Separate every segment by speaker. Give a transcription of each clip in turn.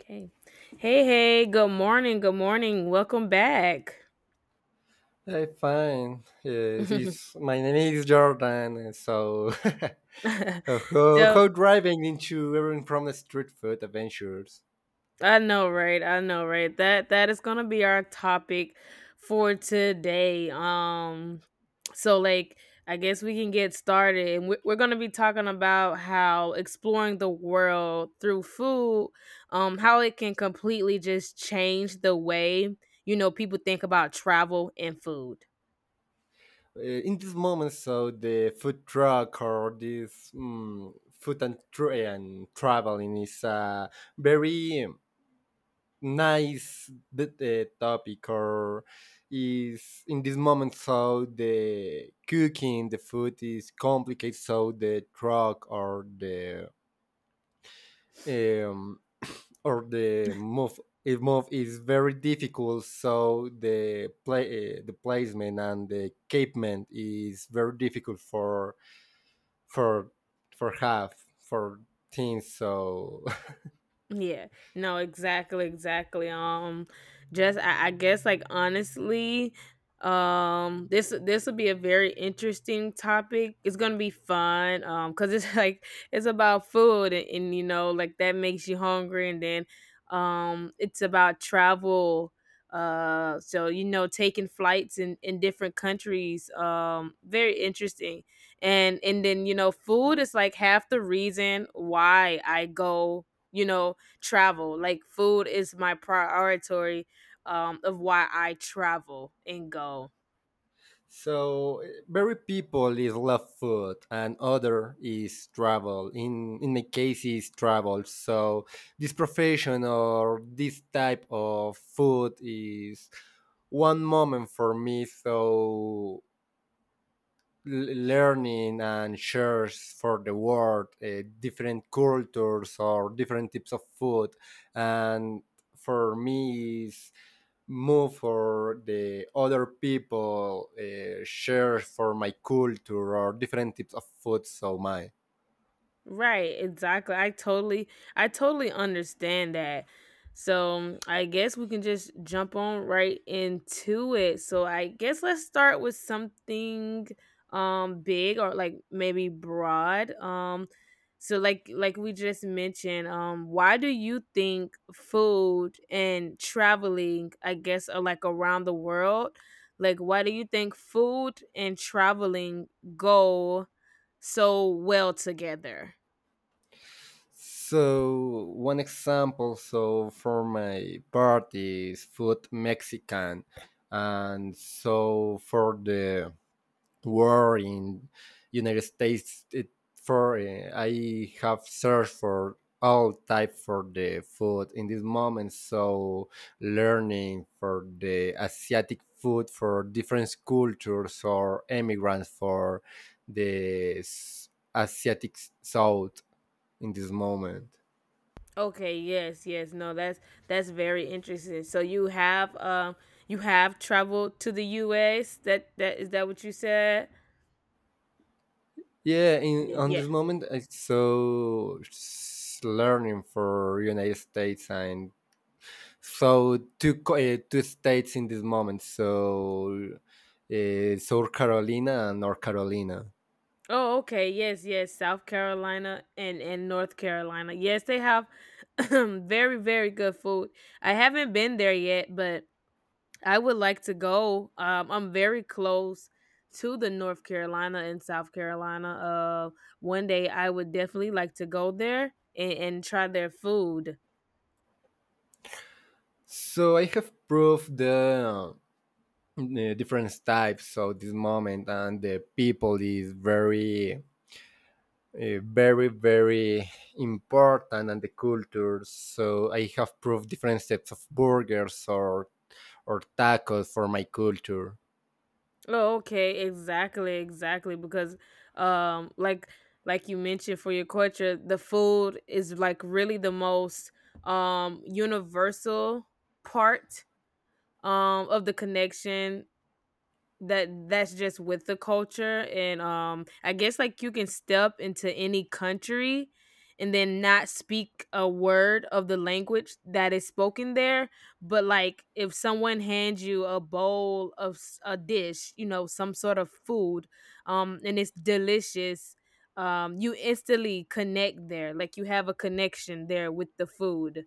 Speaker 1: Okay. Hey, hey, good morning. Good morning. Welcome back.
Speaker 2: Hey, fine. Yes, my name is Jordan. And So, how,
Speaker 1: so
Speaker 2: how driving into everyone from the street food adventures.
Speaker 1: I know, right? I know, right? That is gonna be our topic for today. So like I guess we can get started. And We're gonna be talking about how exploring the world through food, how it can completely just change the way you know people think about travel and food.
Speaker 2: In this moment, so the food truck or this food and traveling is a very nice the topic or is in this moment, so the cooking the food is complicated, so the truck um, or the move it move is very difficult, so the play the placement and the capement is very difficult for for teams, so
Speaker 1: Yeah, no, exactly, exactly. I guess like honestly, this will be a very interesting topic. It's gonna be fun, cause it's like it's about food and you know like that makes you hungry, and then it's about travel. So you know, taking flights in different countries. Very interesting, and then you know, food is like half the reason why I go. You know, travel. Like food is my priority of why I travel and go.
Speaker 2: so very people is left foot and other is travel in the case is travel, so this profession or this type of food is one moment for me, so learning and shares for the world, different cultures or different types of food, and for me is move for the other people, share for my culture or different types of food, so my
Speaker 1: Right, exactly. I totally understand that. So, I guess we can just jump on right into it. So, I guess let's start with something big or like maybe broad. Like we just mentioned, why do you think food and traveling, I guess are like around the world, like why do you think food and traveling go so well together?
Speaker 2: so one example, so for my part is food mexican and so for the war in United States. It, for I have searched for all type for the food in this moment. So learning for the Asiatic food for different cultures or immigrants for the Asiatic South in this moment.
Speaker 1: Okay, yes, yes. No, that's very interesting. So you have traveled to the US. That that is that what you said?
Speaker 2: Yeah, in
Speaker 1: Yeah.
Speaker 2: on
Speaker 1: Yeah.
Speaker 2: this moment, I so learning for United States and so two states in this moment. So South Carolina and North Carolina.
Speaker 1: Oh, okay. Yes, yes. South Carolina and North Carolina. Yes, they have very very good food. I haven't been there yet, but I would like to go. I'm very close to the North Carolina and South Carolina. One day I would definitely like to go there and try their food.
Speaker 2: So I have proved the different types of this moment, and the people is very, very, very important, and the culture. So I have proved different types of burgers or tacos for my culture.
Speaker 1: Oh, okay, exactly, exactly. Because, um, like like you mentioned for your culture, the food is like really the most universal part of the connection that that's just with the culture, and I guess like you can step into any country and then not speak a word of the language that is spoken there. But like if someone hands you a bowl of a dish, you know, some sort of food, and it's delicious, you instantly connect there. Like you have a connection there with the food,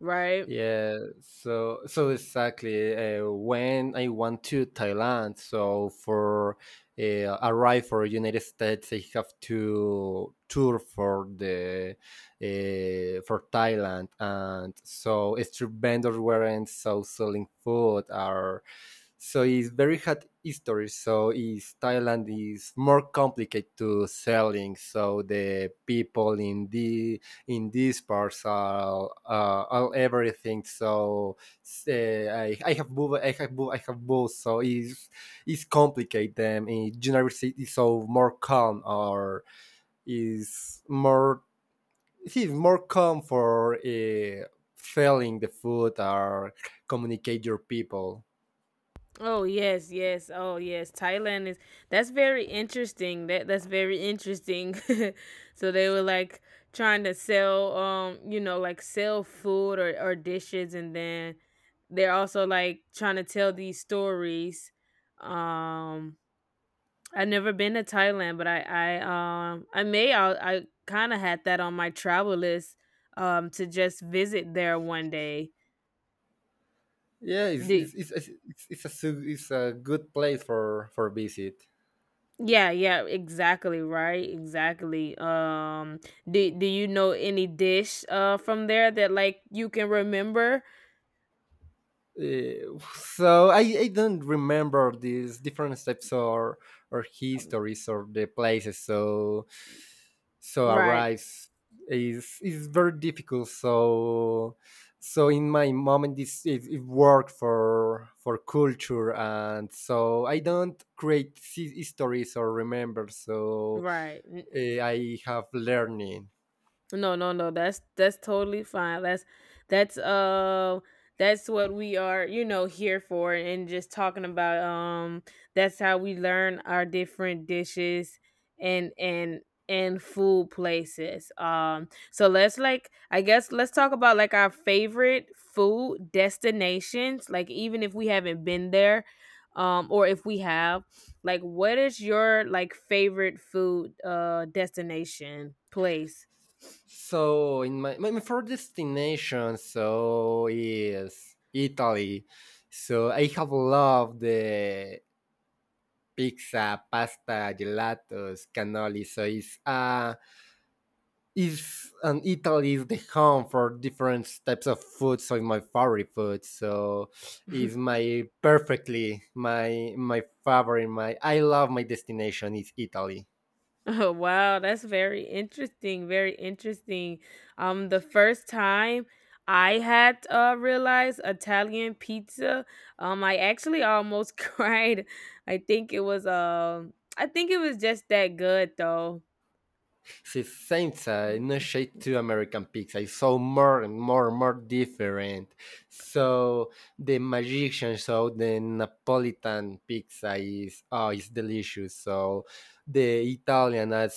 Speaker 1: right?
Speaker 2: Yeah, so exactly. When I went to Thailand, so for arrive for United States, I have to tour for the for Thailand, and so street vendors weren't so selling food are, so it's very hard history. So is Thailand is more complicated to selling. So the people in these parts are, all everything. So I have both, I have both, I have both. So it's complicated. Them in university is so more calm or is more, it's more calm for selling the food or communicate your people.
Speaker 1: Oh yes, yes. Oh yes. Thailand is that's very interesting. That's very interesting. So they were like trying to sell, you know, like sell food or dishes, and then they're also like trying to tell these stories. Um, I've never been to Thailand, but I kind of had that on my travel list to just visit there one day.
Speaker 2: Yeah, it's a good place for visit.
Speaker 1: Yeah, yeah, exactly, right? Exactly. Um, do you know any dish from there that like you can remember?
Speaker 2: So I don't remember these different steps or
Speaker 1: Um,
Speaker 2: histories or the places, so
Speaker 1: Right,
Speaker 2: arrives is very difficult, so in my moment this it worked for culture, and so I don't create histories or remember, so
Speaker 1: right.
Speaker 2: I have learning.
Speaker 1: No, no, no. That's totally fine. That's uh that's what we are, you know, here for, and just talking about. That's how we learn our different dishes and and and food places. So let's like I guess let's talk about like our favorite food destinations, like even if we haven't been there or if we have. Like what is your like favorite food destination place?
Speaker 2: So in my first destination, so is Italy. So I have loved the pizza, pasta, gelatos, cannoli. So it's and Italy is the home for different types of food. So it's my favorite food. So is my perfectly my favorite. My I love my destination is Italy.
Speaker 1: Oh, wow, that's very interesting, very interesting. The first time I had realized Italian pizza, I actually almost cried. I think it was just that good though.
Speaker 2: It's Saints,
Speaker 1: Mm,
Speaker 2: no
Speaker 1: mm,
Speaker 2: shade to American Pigs. I saw more and more and more different. So the magician, so the Napolitan pizza is, oh, it's delicious. So the Italian has,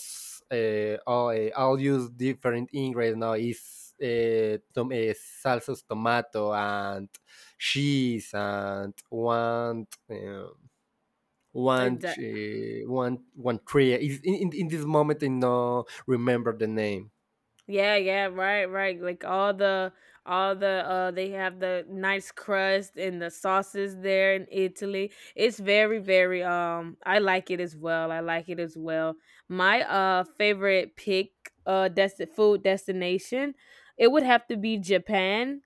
Speaker 2: all use different ingredients now. Is, salsas, tomato, and cheese, and
Speaker 1: mm. It,
Speaker 2: one one three. Is in, in, this moment I no remember the name.
Speaker 1: Yeah, yeah, right, right. Like all the they have the nice crust and the sauces there in Italy. It's very very I like it as well. I like it as well. My favorite pick food destination, it would have to be Japan.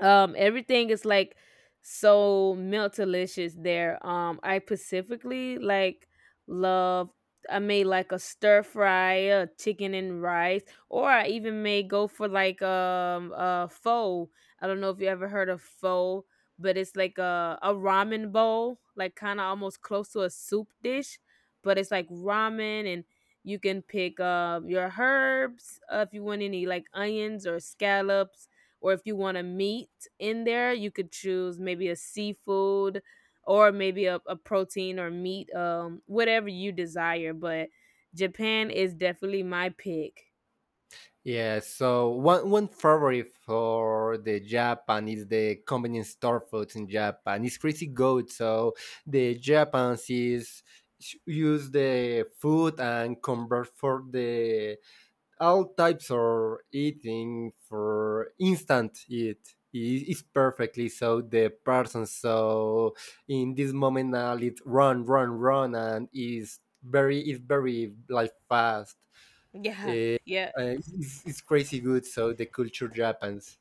Speaker 1: Everything is like so melt delicious there. I specifically like love. I made like a stir fry, a chicken and rice, or I even may go for like a pho. I don't know if you ever heard of pho, but it's like a ramen bowl, like kind of almost close to a soup dish, but it's like ramen, and you can pick your herbs, if you want any like onions or scallops, or if you want a meat in there, you could choose maybe a seafood, or maybe a protein or meat, whatever you desire. But Japan is definitely my pick.
Speaker 2: Yeah, so one favorite for the Japan is the convenience store foods in Japan, it's crazy good. So the Japanese use the food and convert for the all types of eating for instant eat is perfectly, so the person, so in this moment now it's run run run and is very, is very like fast.
Speaker 1: Yeah,
Speaker 2: Eh,
Speaker 1: yeah.
Speaker 2: it's crazy good, so the culture Japan's.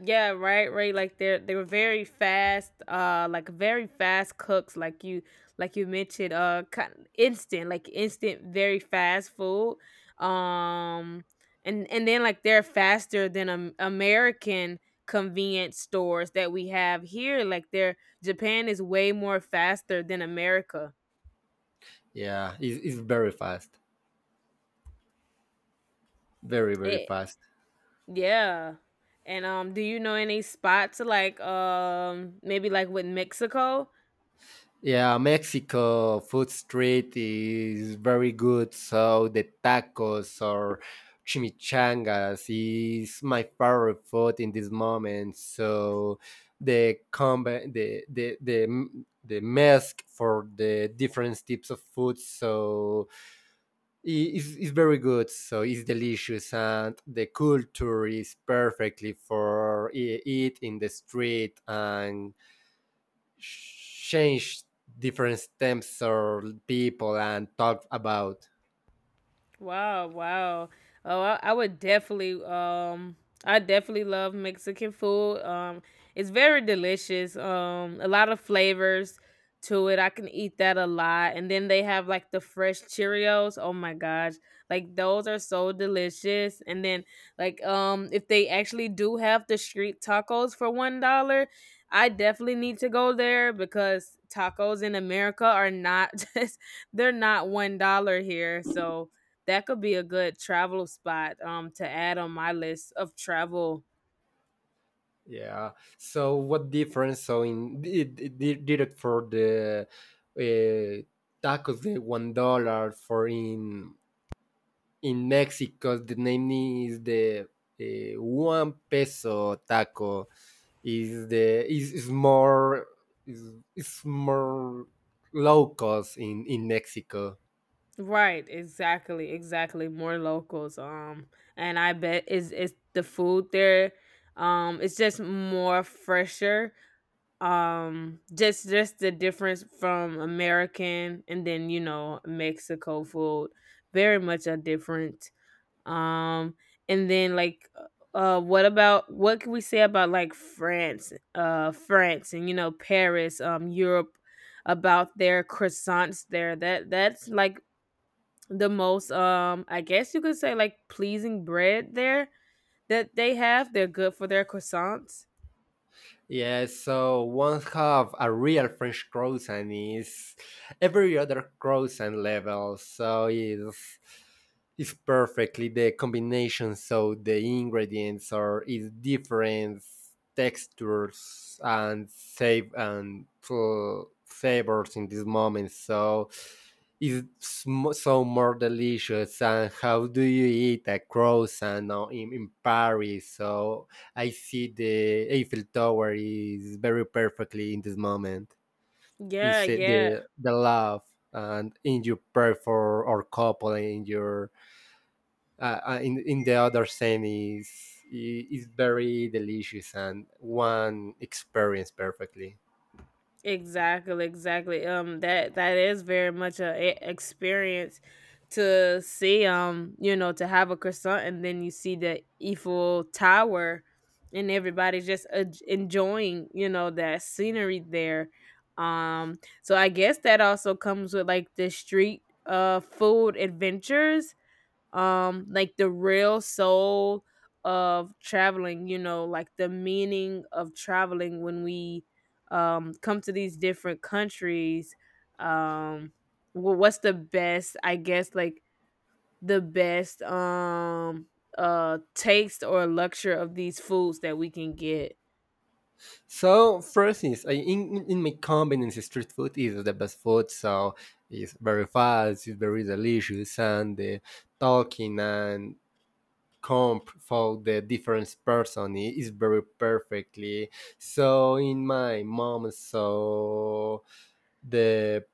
Speaker 1: Yeah, right, right. Like they're they were very fast, like very fast cooks, like you mentioned, kind instant, like instant, very fast food. Um, and then like they're faster than, American convenience stores that we have here. Like they're Japan is way more faster than America.
Speaker 2: Yeah, is very fast, very very
Speaker 1: It
Speaker 2: fast.
Speaker 1: yeah. And do you know any spots like maybe like with Mexico?
Speaker 2: Yeah, Mexico food street is very good. So the tacos or chimichangas is my favorite food in this moment. So the combi the mask for the different types of food, so is very good, so it's delicious, and the culture is perfectly for eat in the street and change different stems or people and talk about.
Speaker 1: Wow, wow. Oh, I would definitely I definitely love Mexican food. Um, it's very delicious. Um, a lot of flavors to it. I can eat that a lot. And then they have like the fresh Cheerios. Oh my gosh. Like those are so delicious. And then like if they actually do have the street tacos for $1, I definitely need to go there because tacos in America are not just they're not $1 here. So that could be a good travel spot to add on my list of travel.
Speaker 2: Yeah, so what difference, so in it did it for the, tacos the $1 for in Mexico. The name is the, one peso taco is the is more, is more low cost in Mexico.
Speaker 1: Right, exactly, exactly. More locals. Um, and I bet is it's the food there, it's just more fresher. Um, just the difference from American and then you know Mexico food. Very much a difference. Um, and then like, what about what can we say about like France, France, and you know Paris, Europe, about their croissants there? That that's like the most, I guess you could say like pleasing bread there that they have. They're good for their croissants.
Speaker 2: Yeah, so one have a real French croissant is every other croissant level, so it's perfectly the combination. So the ingredients are is different textures and save and, flavors in this moment. So it's so more delicious. And how do you eat a croissant now in, Paris? So I see the Eiffel Tower is very perfectly in this moment. You
Speaker 1: Yeah,
Speaker 2: see
Speaker 1: yeah.
Speaker 2: the love and in your prayer for our couple and in your, in the other scene is is very delicious, and one experience perfectly.
Speaker 1: Exactly, exactly. That that is very much a experience to see. You know, to have a croissant and then you see the Eiffel Tower, and everybody's just enjoying, you know, that scenery there. Um, so I guess that also comes with like the street food adventures, like the real soul of traveling, you know, like the meaning of traveling when we come to these different countries. um what's the best, I guess, like the best taste or luxury of these foods that we can get?
Speaker 2: So first is I in my convenience street food is the best food. So it's very fast, it's very delicious, and the talking and comp for the different person is very perfectly. So in my mom, so the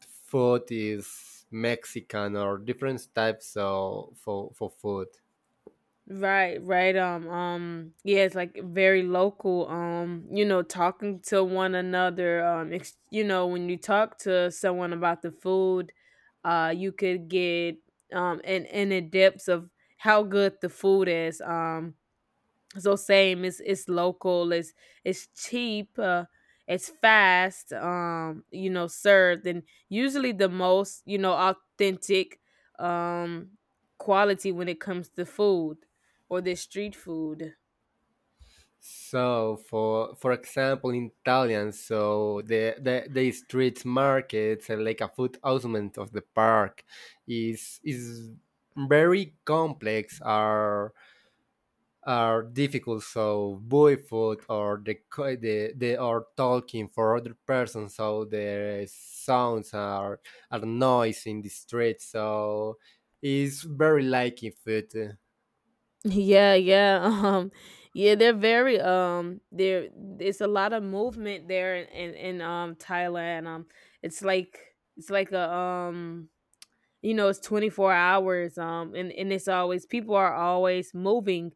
Speaker 2: food is Mexican or different types of for food.
Speaker 1: Right, right. Yeah, it's like very local. You know, talking to one another. You know, when you talk to someone about the food, you could get an in the depths of how good the food is. So same, it's local, it's cheap, uh, it's fast, um, you know, served, and usually the most, you know, authentic um quality when it comes to food, or this street food.
Speaker 2: So for example in Italian, so the street markets and like a food element of the park is very complex, are difficult, so buy food or they are talking for other person, so the sounds are noise in the street, so it's very like if it
Speaker 1: Yeah, yeah. um, yeah, they're very there it's a lot of movement there in Thailand. Um, it's like it's like a um, you know, it's 24 hours, um, and it's always people are always moving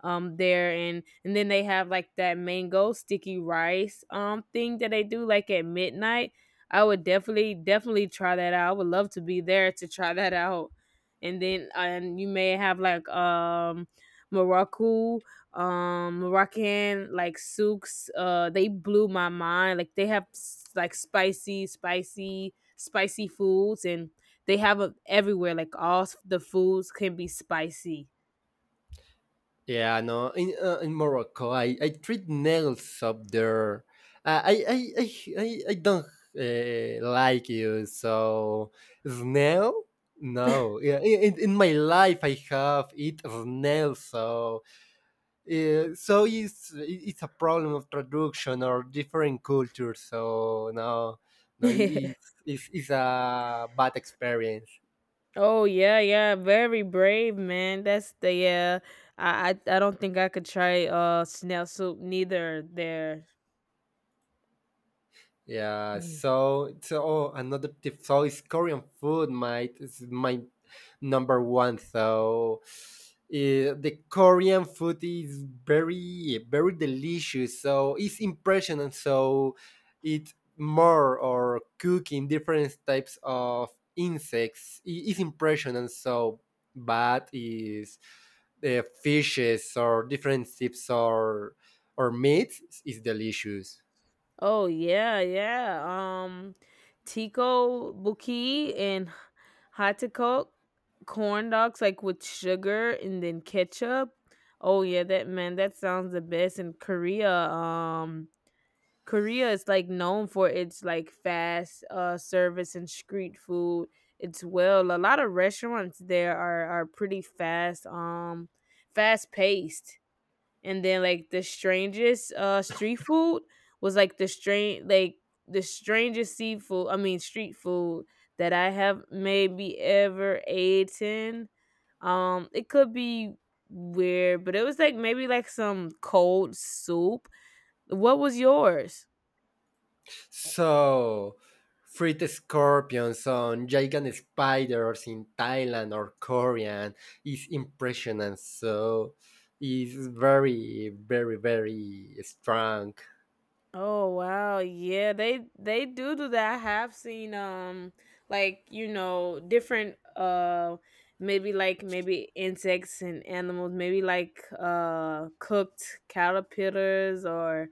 Speaker 1: there. And then they have like that mango sticky rice, um, thing that they do like at midnight. I would definitely definitely try that out. I would love to be there to try that out. And then, and you may have like Morocco. Um, Moroccan like souks, uh, they blew my mind. Like they have like spicy spicy spicy foods, and they have a everywhere. Like all the foods can be spicy.
Speaker 2: yeah, no, in in Morocco I treat nails up there, uh, i i i I don't, like you, so snail. No, yeah, in, in my life I have eat snail, so so it's a problem of traduction or different cultures. So no, no, it's a bad experience.
Speaker 1: oh yeah, yeah. Very brave, man. That's the yeah. I don't think I could try snail soup neither. There.
Speaker 2: Yeah,
Speaker 1: Mm.
Speaker 2: so oh, another tip. So it's Korean food, my is my number one. So, the Korean food is very very delicious. So it's impressionant. So it more or cooking different types of insects is impressionant. So but is the fishes or different types or meat is delicious.
Speaker 1: Oh yeah, yeah. Tico Buki and Hatakok corn dogs like with sugar and then ketchup. Oh yeah, that man, that sounds the best in Korea. Um, Korea is like known for its like fast service and street food. It's well a lot of restaurants there are pretty fast fast paced. And then like the strangest street food was like the strangest seafood I mean street food that I have maybe ever eaten. Um, it could be weird, but it was like maybe like some cold soup. What was yours?
Speaker 2: So, freed scorpions on giant spiders in Thailand or Korean is impressionant. So, it's very, very, very strong.
Speaker 1: Oh wow, yeah, they do do that. I have seen like you know different maybe like maybe insects and animals, maybe like cooked caterpillars or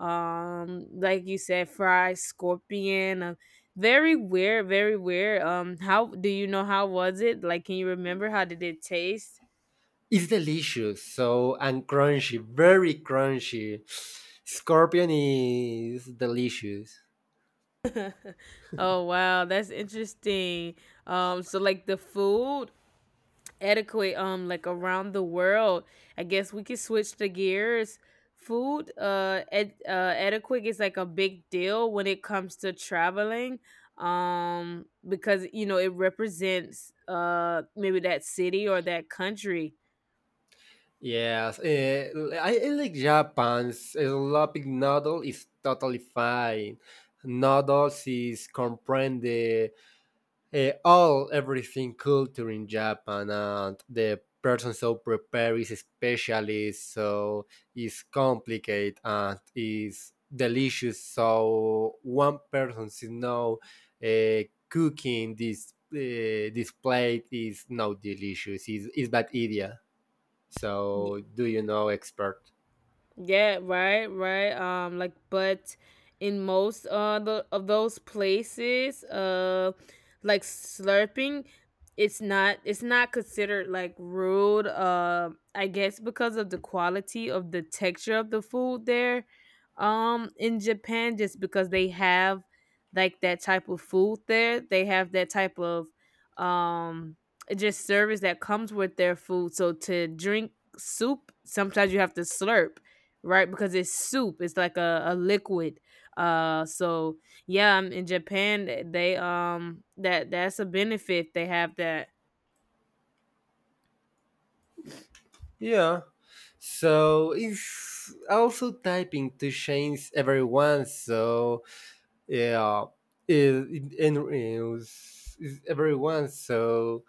Speaker 1: like you said fried scorpion. Very weird, very weird. How do you know how was it? Like, can you remember how did it taste?
Speaker 2: It's delicious. So, and crunchy, very crunchy. Scorpion is delicious.
Speaker 1: oh wow, that's interesting. So like the food adequate like around the world. I guess we could switch the gears. Food adequate is like a big deal when it comes to traveling because you know it represents maybe that city or that country.
Speaker 2: Yes, I like Japan's sloppy noodle is totally fine. Noodles is comprende, all everything culture in Japan, and the person so prepared is specialist, so it's complicated and is delicious, so one person is, no, uh, cooking this plate is not delicious, is bad idea, so do you know expert.
Speaker 1: Yeah, right, right. Like, but in most of those places, like slurping, it's not considered like rude. I guess because of the quality of the texture of the food there, in Japan, just because they have like that type of food there, they have that type of um just service that comes with their food. So to drink soup, sometimes you have to slurp, right? Because it's soup. It's like a liquid. So yeah, in Japan they that's a benefit they have that.
Speaker 2: Yeah, so it's also typing to change everyone, so yeah, it, and is everyone, so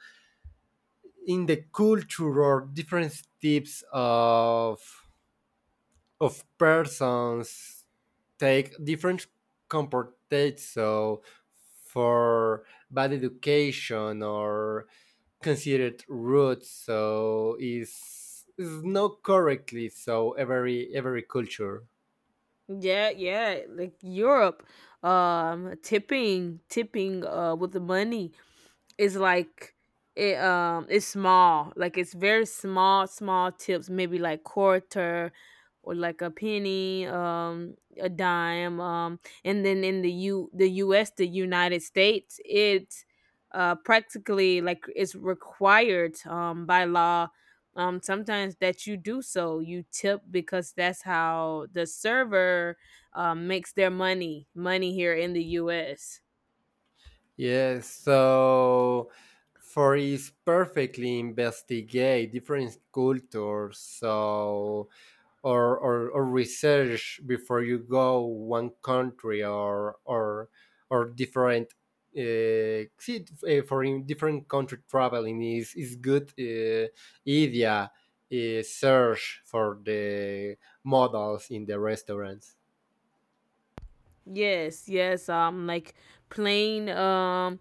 Speaker 2: in the culture or different types of persons take different comportates, so for bad education or considered rude, so is not correctly, so every culture.
Speaker 1: Yeah, yeah, like Europe, tipping, with the money, it's like it it's small. Like it's very small, small tips, maybe like quarter or like a penny, a dime. And then in the US, the United States, it's practically like it's required by law sometimes that you do, so you tip because that's how the server, makes their money here in the us.
Speaker 2: Yes, so for is perfectly investigate different cultures, so or research before you go one country or different. See, for in different country traveling is good, idea. Search for the models in the restaurants.
Speaker 1: Yes, yes. Like plain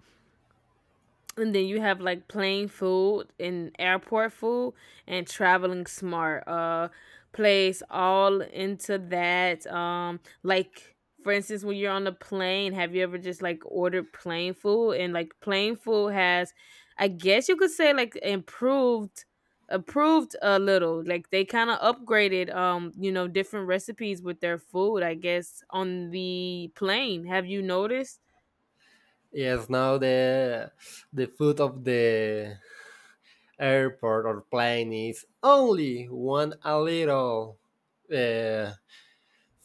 Speaker 1: and then you have like plain food and airport food and traveling smart plays all into that, like for instance when you're on the plane, have you ever just like ordered plain food and like plain food has, I guess you could say, like improved, approved a little, like they kind of upgraded, you know, different recipes with their food I guess on the plane, have you noticed?
Speaker 2: Yes, now the food of the airport or plane is only one, a little, uh,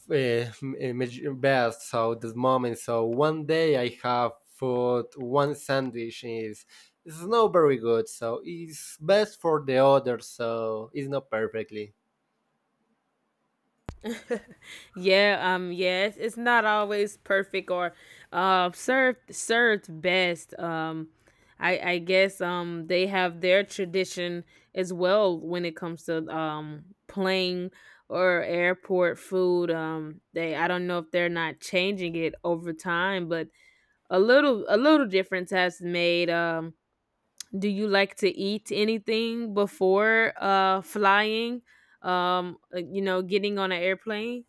Speaker 2: uh, best, so this moment, so one day I have food one sandwich is, it's not very good, so it's best for the other, so it's not perfectly.
Speaker 1: Yeah, yeah, it's not always perfect or served best. I guess they have their tradition as well when it comes to plane or airport food. They, I don't know if they're not changing it over time, but a little difference has made. Do you like to eat anything before flying? You know, getting on an airplane.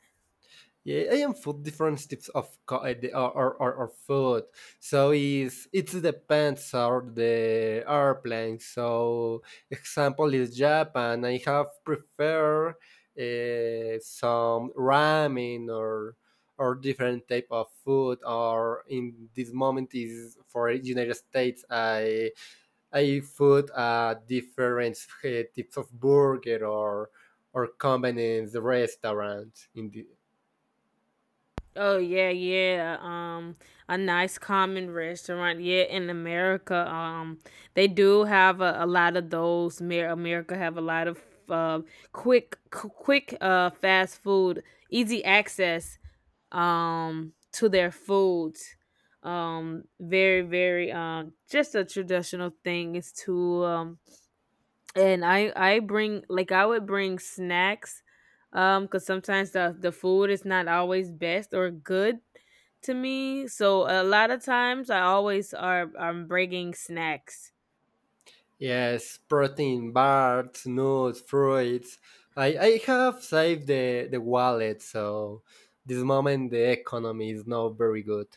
Speaker 2: Yeah, I am food. Different types of or food. So is, it depends on the airplane. So example is Japan. I have prefer, some ramen or different type of food. Or in this moment is for United States. I food, different, types of burger or companies restaurant in the.
Speaker 1: Oh yeah, yeah. A nice common restaurant. Yeah, in America, they do have a lot of those. America have a lot of uh, quick, fast food, easy access, to their foods. Very, very, just a traditional thing is to and I bring like, I would bring snacks, because sometimes the food is not always best or good to me. So a lot of times I always are I'm bringing snacks.
Speaker 2: Yes, protein bars, nuts, fruits. I have saved the wallet, so this moment the economy is not very good.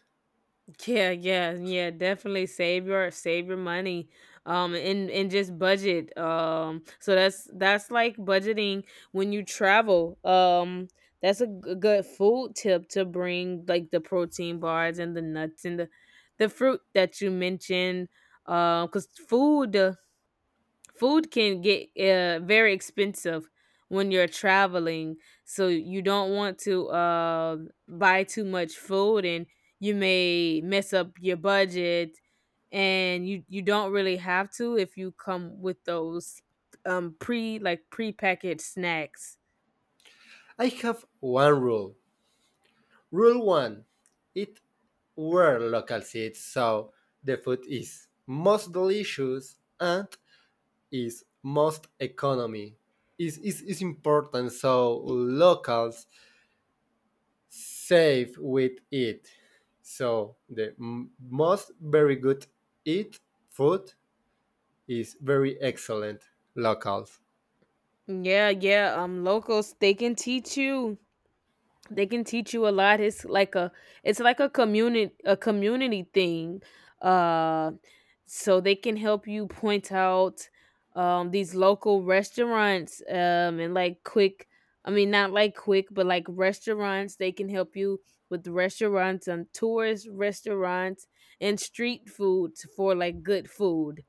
Speaker 1: Yeah, yeah, yeah, definitely save your money. Um, and just budget. Um, so that's like budgeting when you travel. Um, that's a good food tip, to bring like the protein bars and the nuts and the fruit that you mentioned. Cuz food can get very expensive when you're traveling, so you don't want to buy too much food and you may mess up your budget, and you don't really have to if you come with those prepackaged snacks.
Speaker 2: I have one rule. Rule one, eat were local seeds, so the food is most delicious and is most economy. Is important, so locals. Save with it. So the most very good eat food is very excellent locals.
Speaker 1: Yeah, yeah, um, locals, they can teach you, they can teach you a lot. It's like a, it's like a community, a community thing. uh so they can help you point out, um, these local restaurants, and like quick, I mean, not like quick, but like restaurants. They can help you with restaurants and tourist restaurants and street foods for like good food.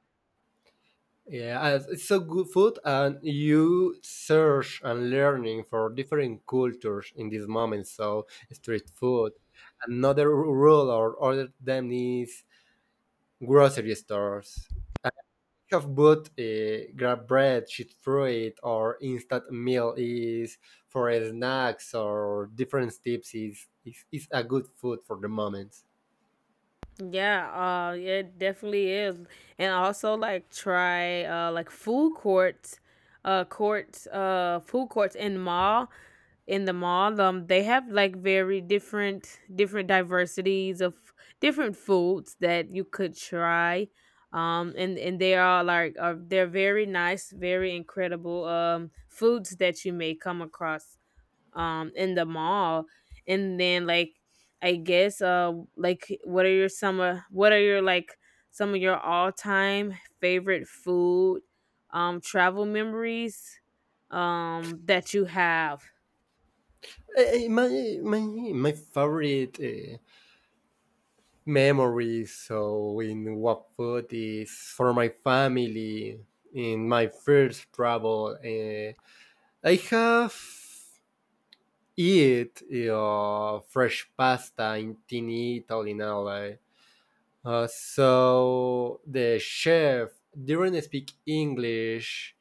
Speaker 2: Yeah, and it's so good food, and you search and learning for different cultures in this moment. So street food. Another rule or other than is grocery stores. Have bought, grab bread, sheet fruit, or instant meal is for snacks or different tips is a good food for the moments.
Speaker 1: Yeah, yeah, it definitely is, and also like try like food courts, food courts in mall in the mall. They have like very different diversities of different foods that you could try. And they are like they're very nice, very incredible, um, foods that you may come across, um, in the mall. And then, like, what are your some summer what are your like some of your all-time favorite food, um, travel memories, that you have?
Speaker 2: My my my favorite, memories so in what food is for my family in my first travel. I have eat, fresh pasta in Italy now. So the chef didn't speak English,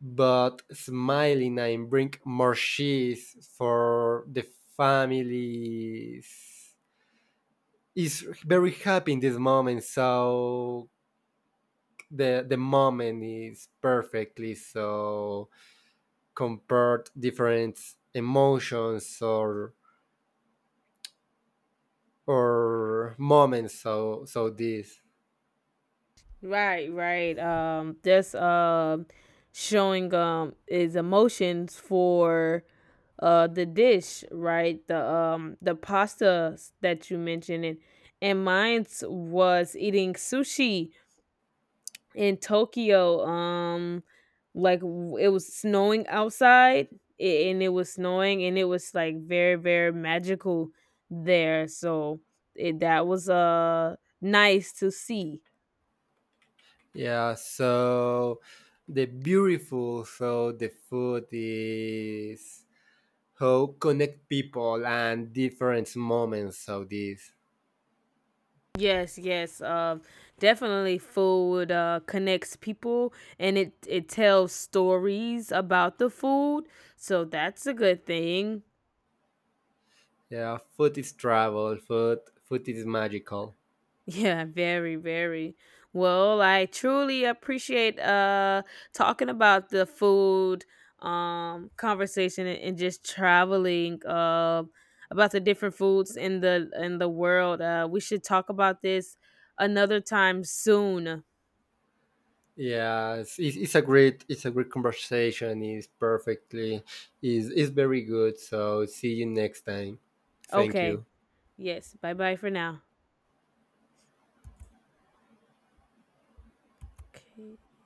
Speaker 2: but smiling and bring more cheese for the families. Is very happy in this moment, so the moment is perfectly, so compared different emotions or moments. So this.
Speaker 1: Right, right, um, that's, um, showing, um, his emotions for the dish, right, the, um, the pasta that you mentioned. And mine's was eating sushi in Tokyo, like it was snowing outside, and it was snowing, and it was like very, very magical there. So it, that was nice to see.
Speaker 2: Yeah, so the beautiful, so the food is how connect people and different moments of this.
Speaker 1: Yes, yes. Definitely food connects people, and it tells stories about the food, so that's a good thing.
Speaker 2: Yeah, food is travel, food is magical.
Speaker 1: Yeah, very, very. Well, I truly appreciate talking about the food, conversation and just traveling about the different foods in the world. Uh, we should talk about this another time soon.
Speaker 2: Yeah, it's a great conversation. Is perfectly, is very good. So, see you next time. Thank
Speaker 1: Okay.
Speaker 2: you.
Speaker 1: Yes. Bye-bye for now. Okay.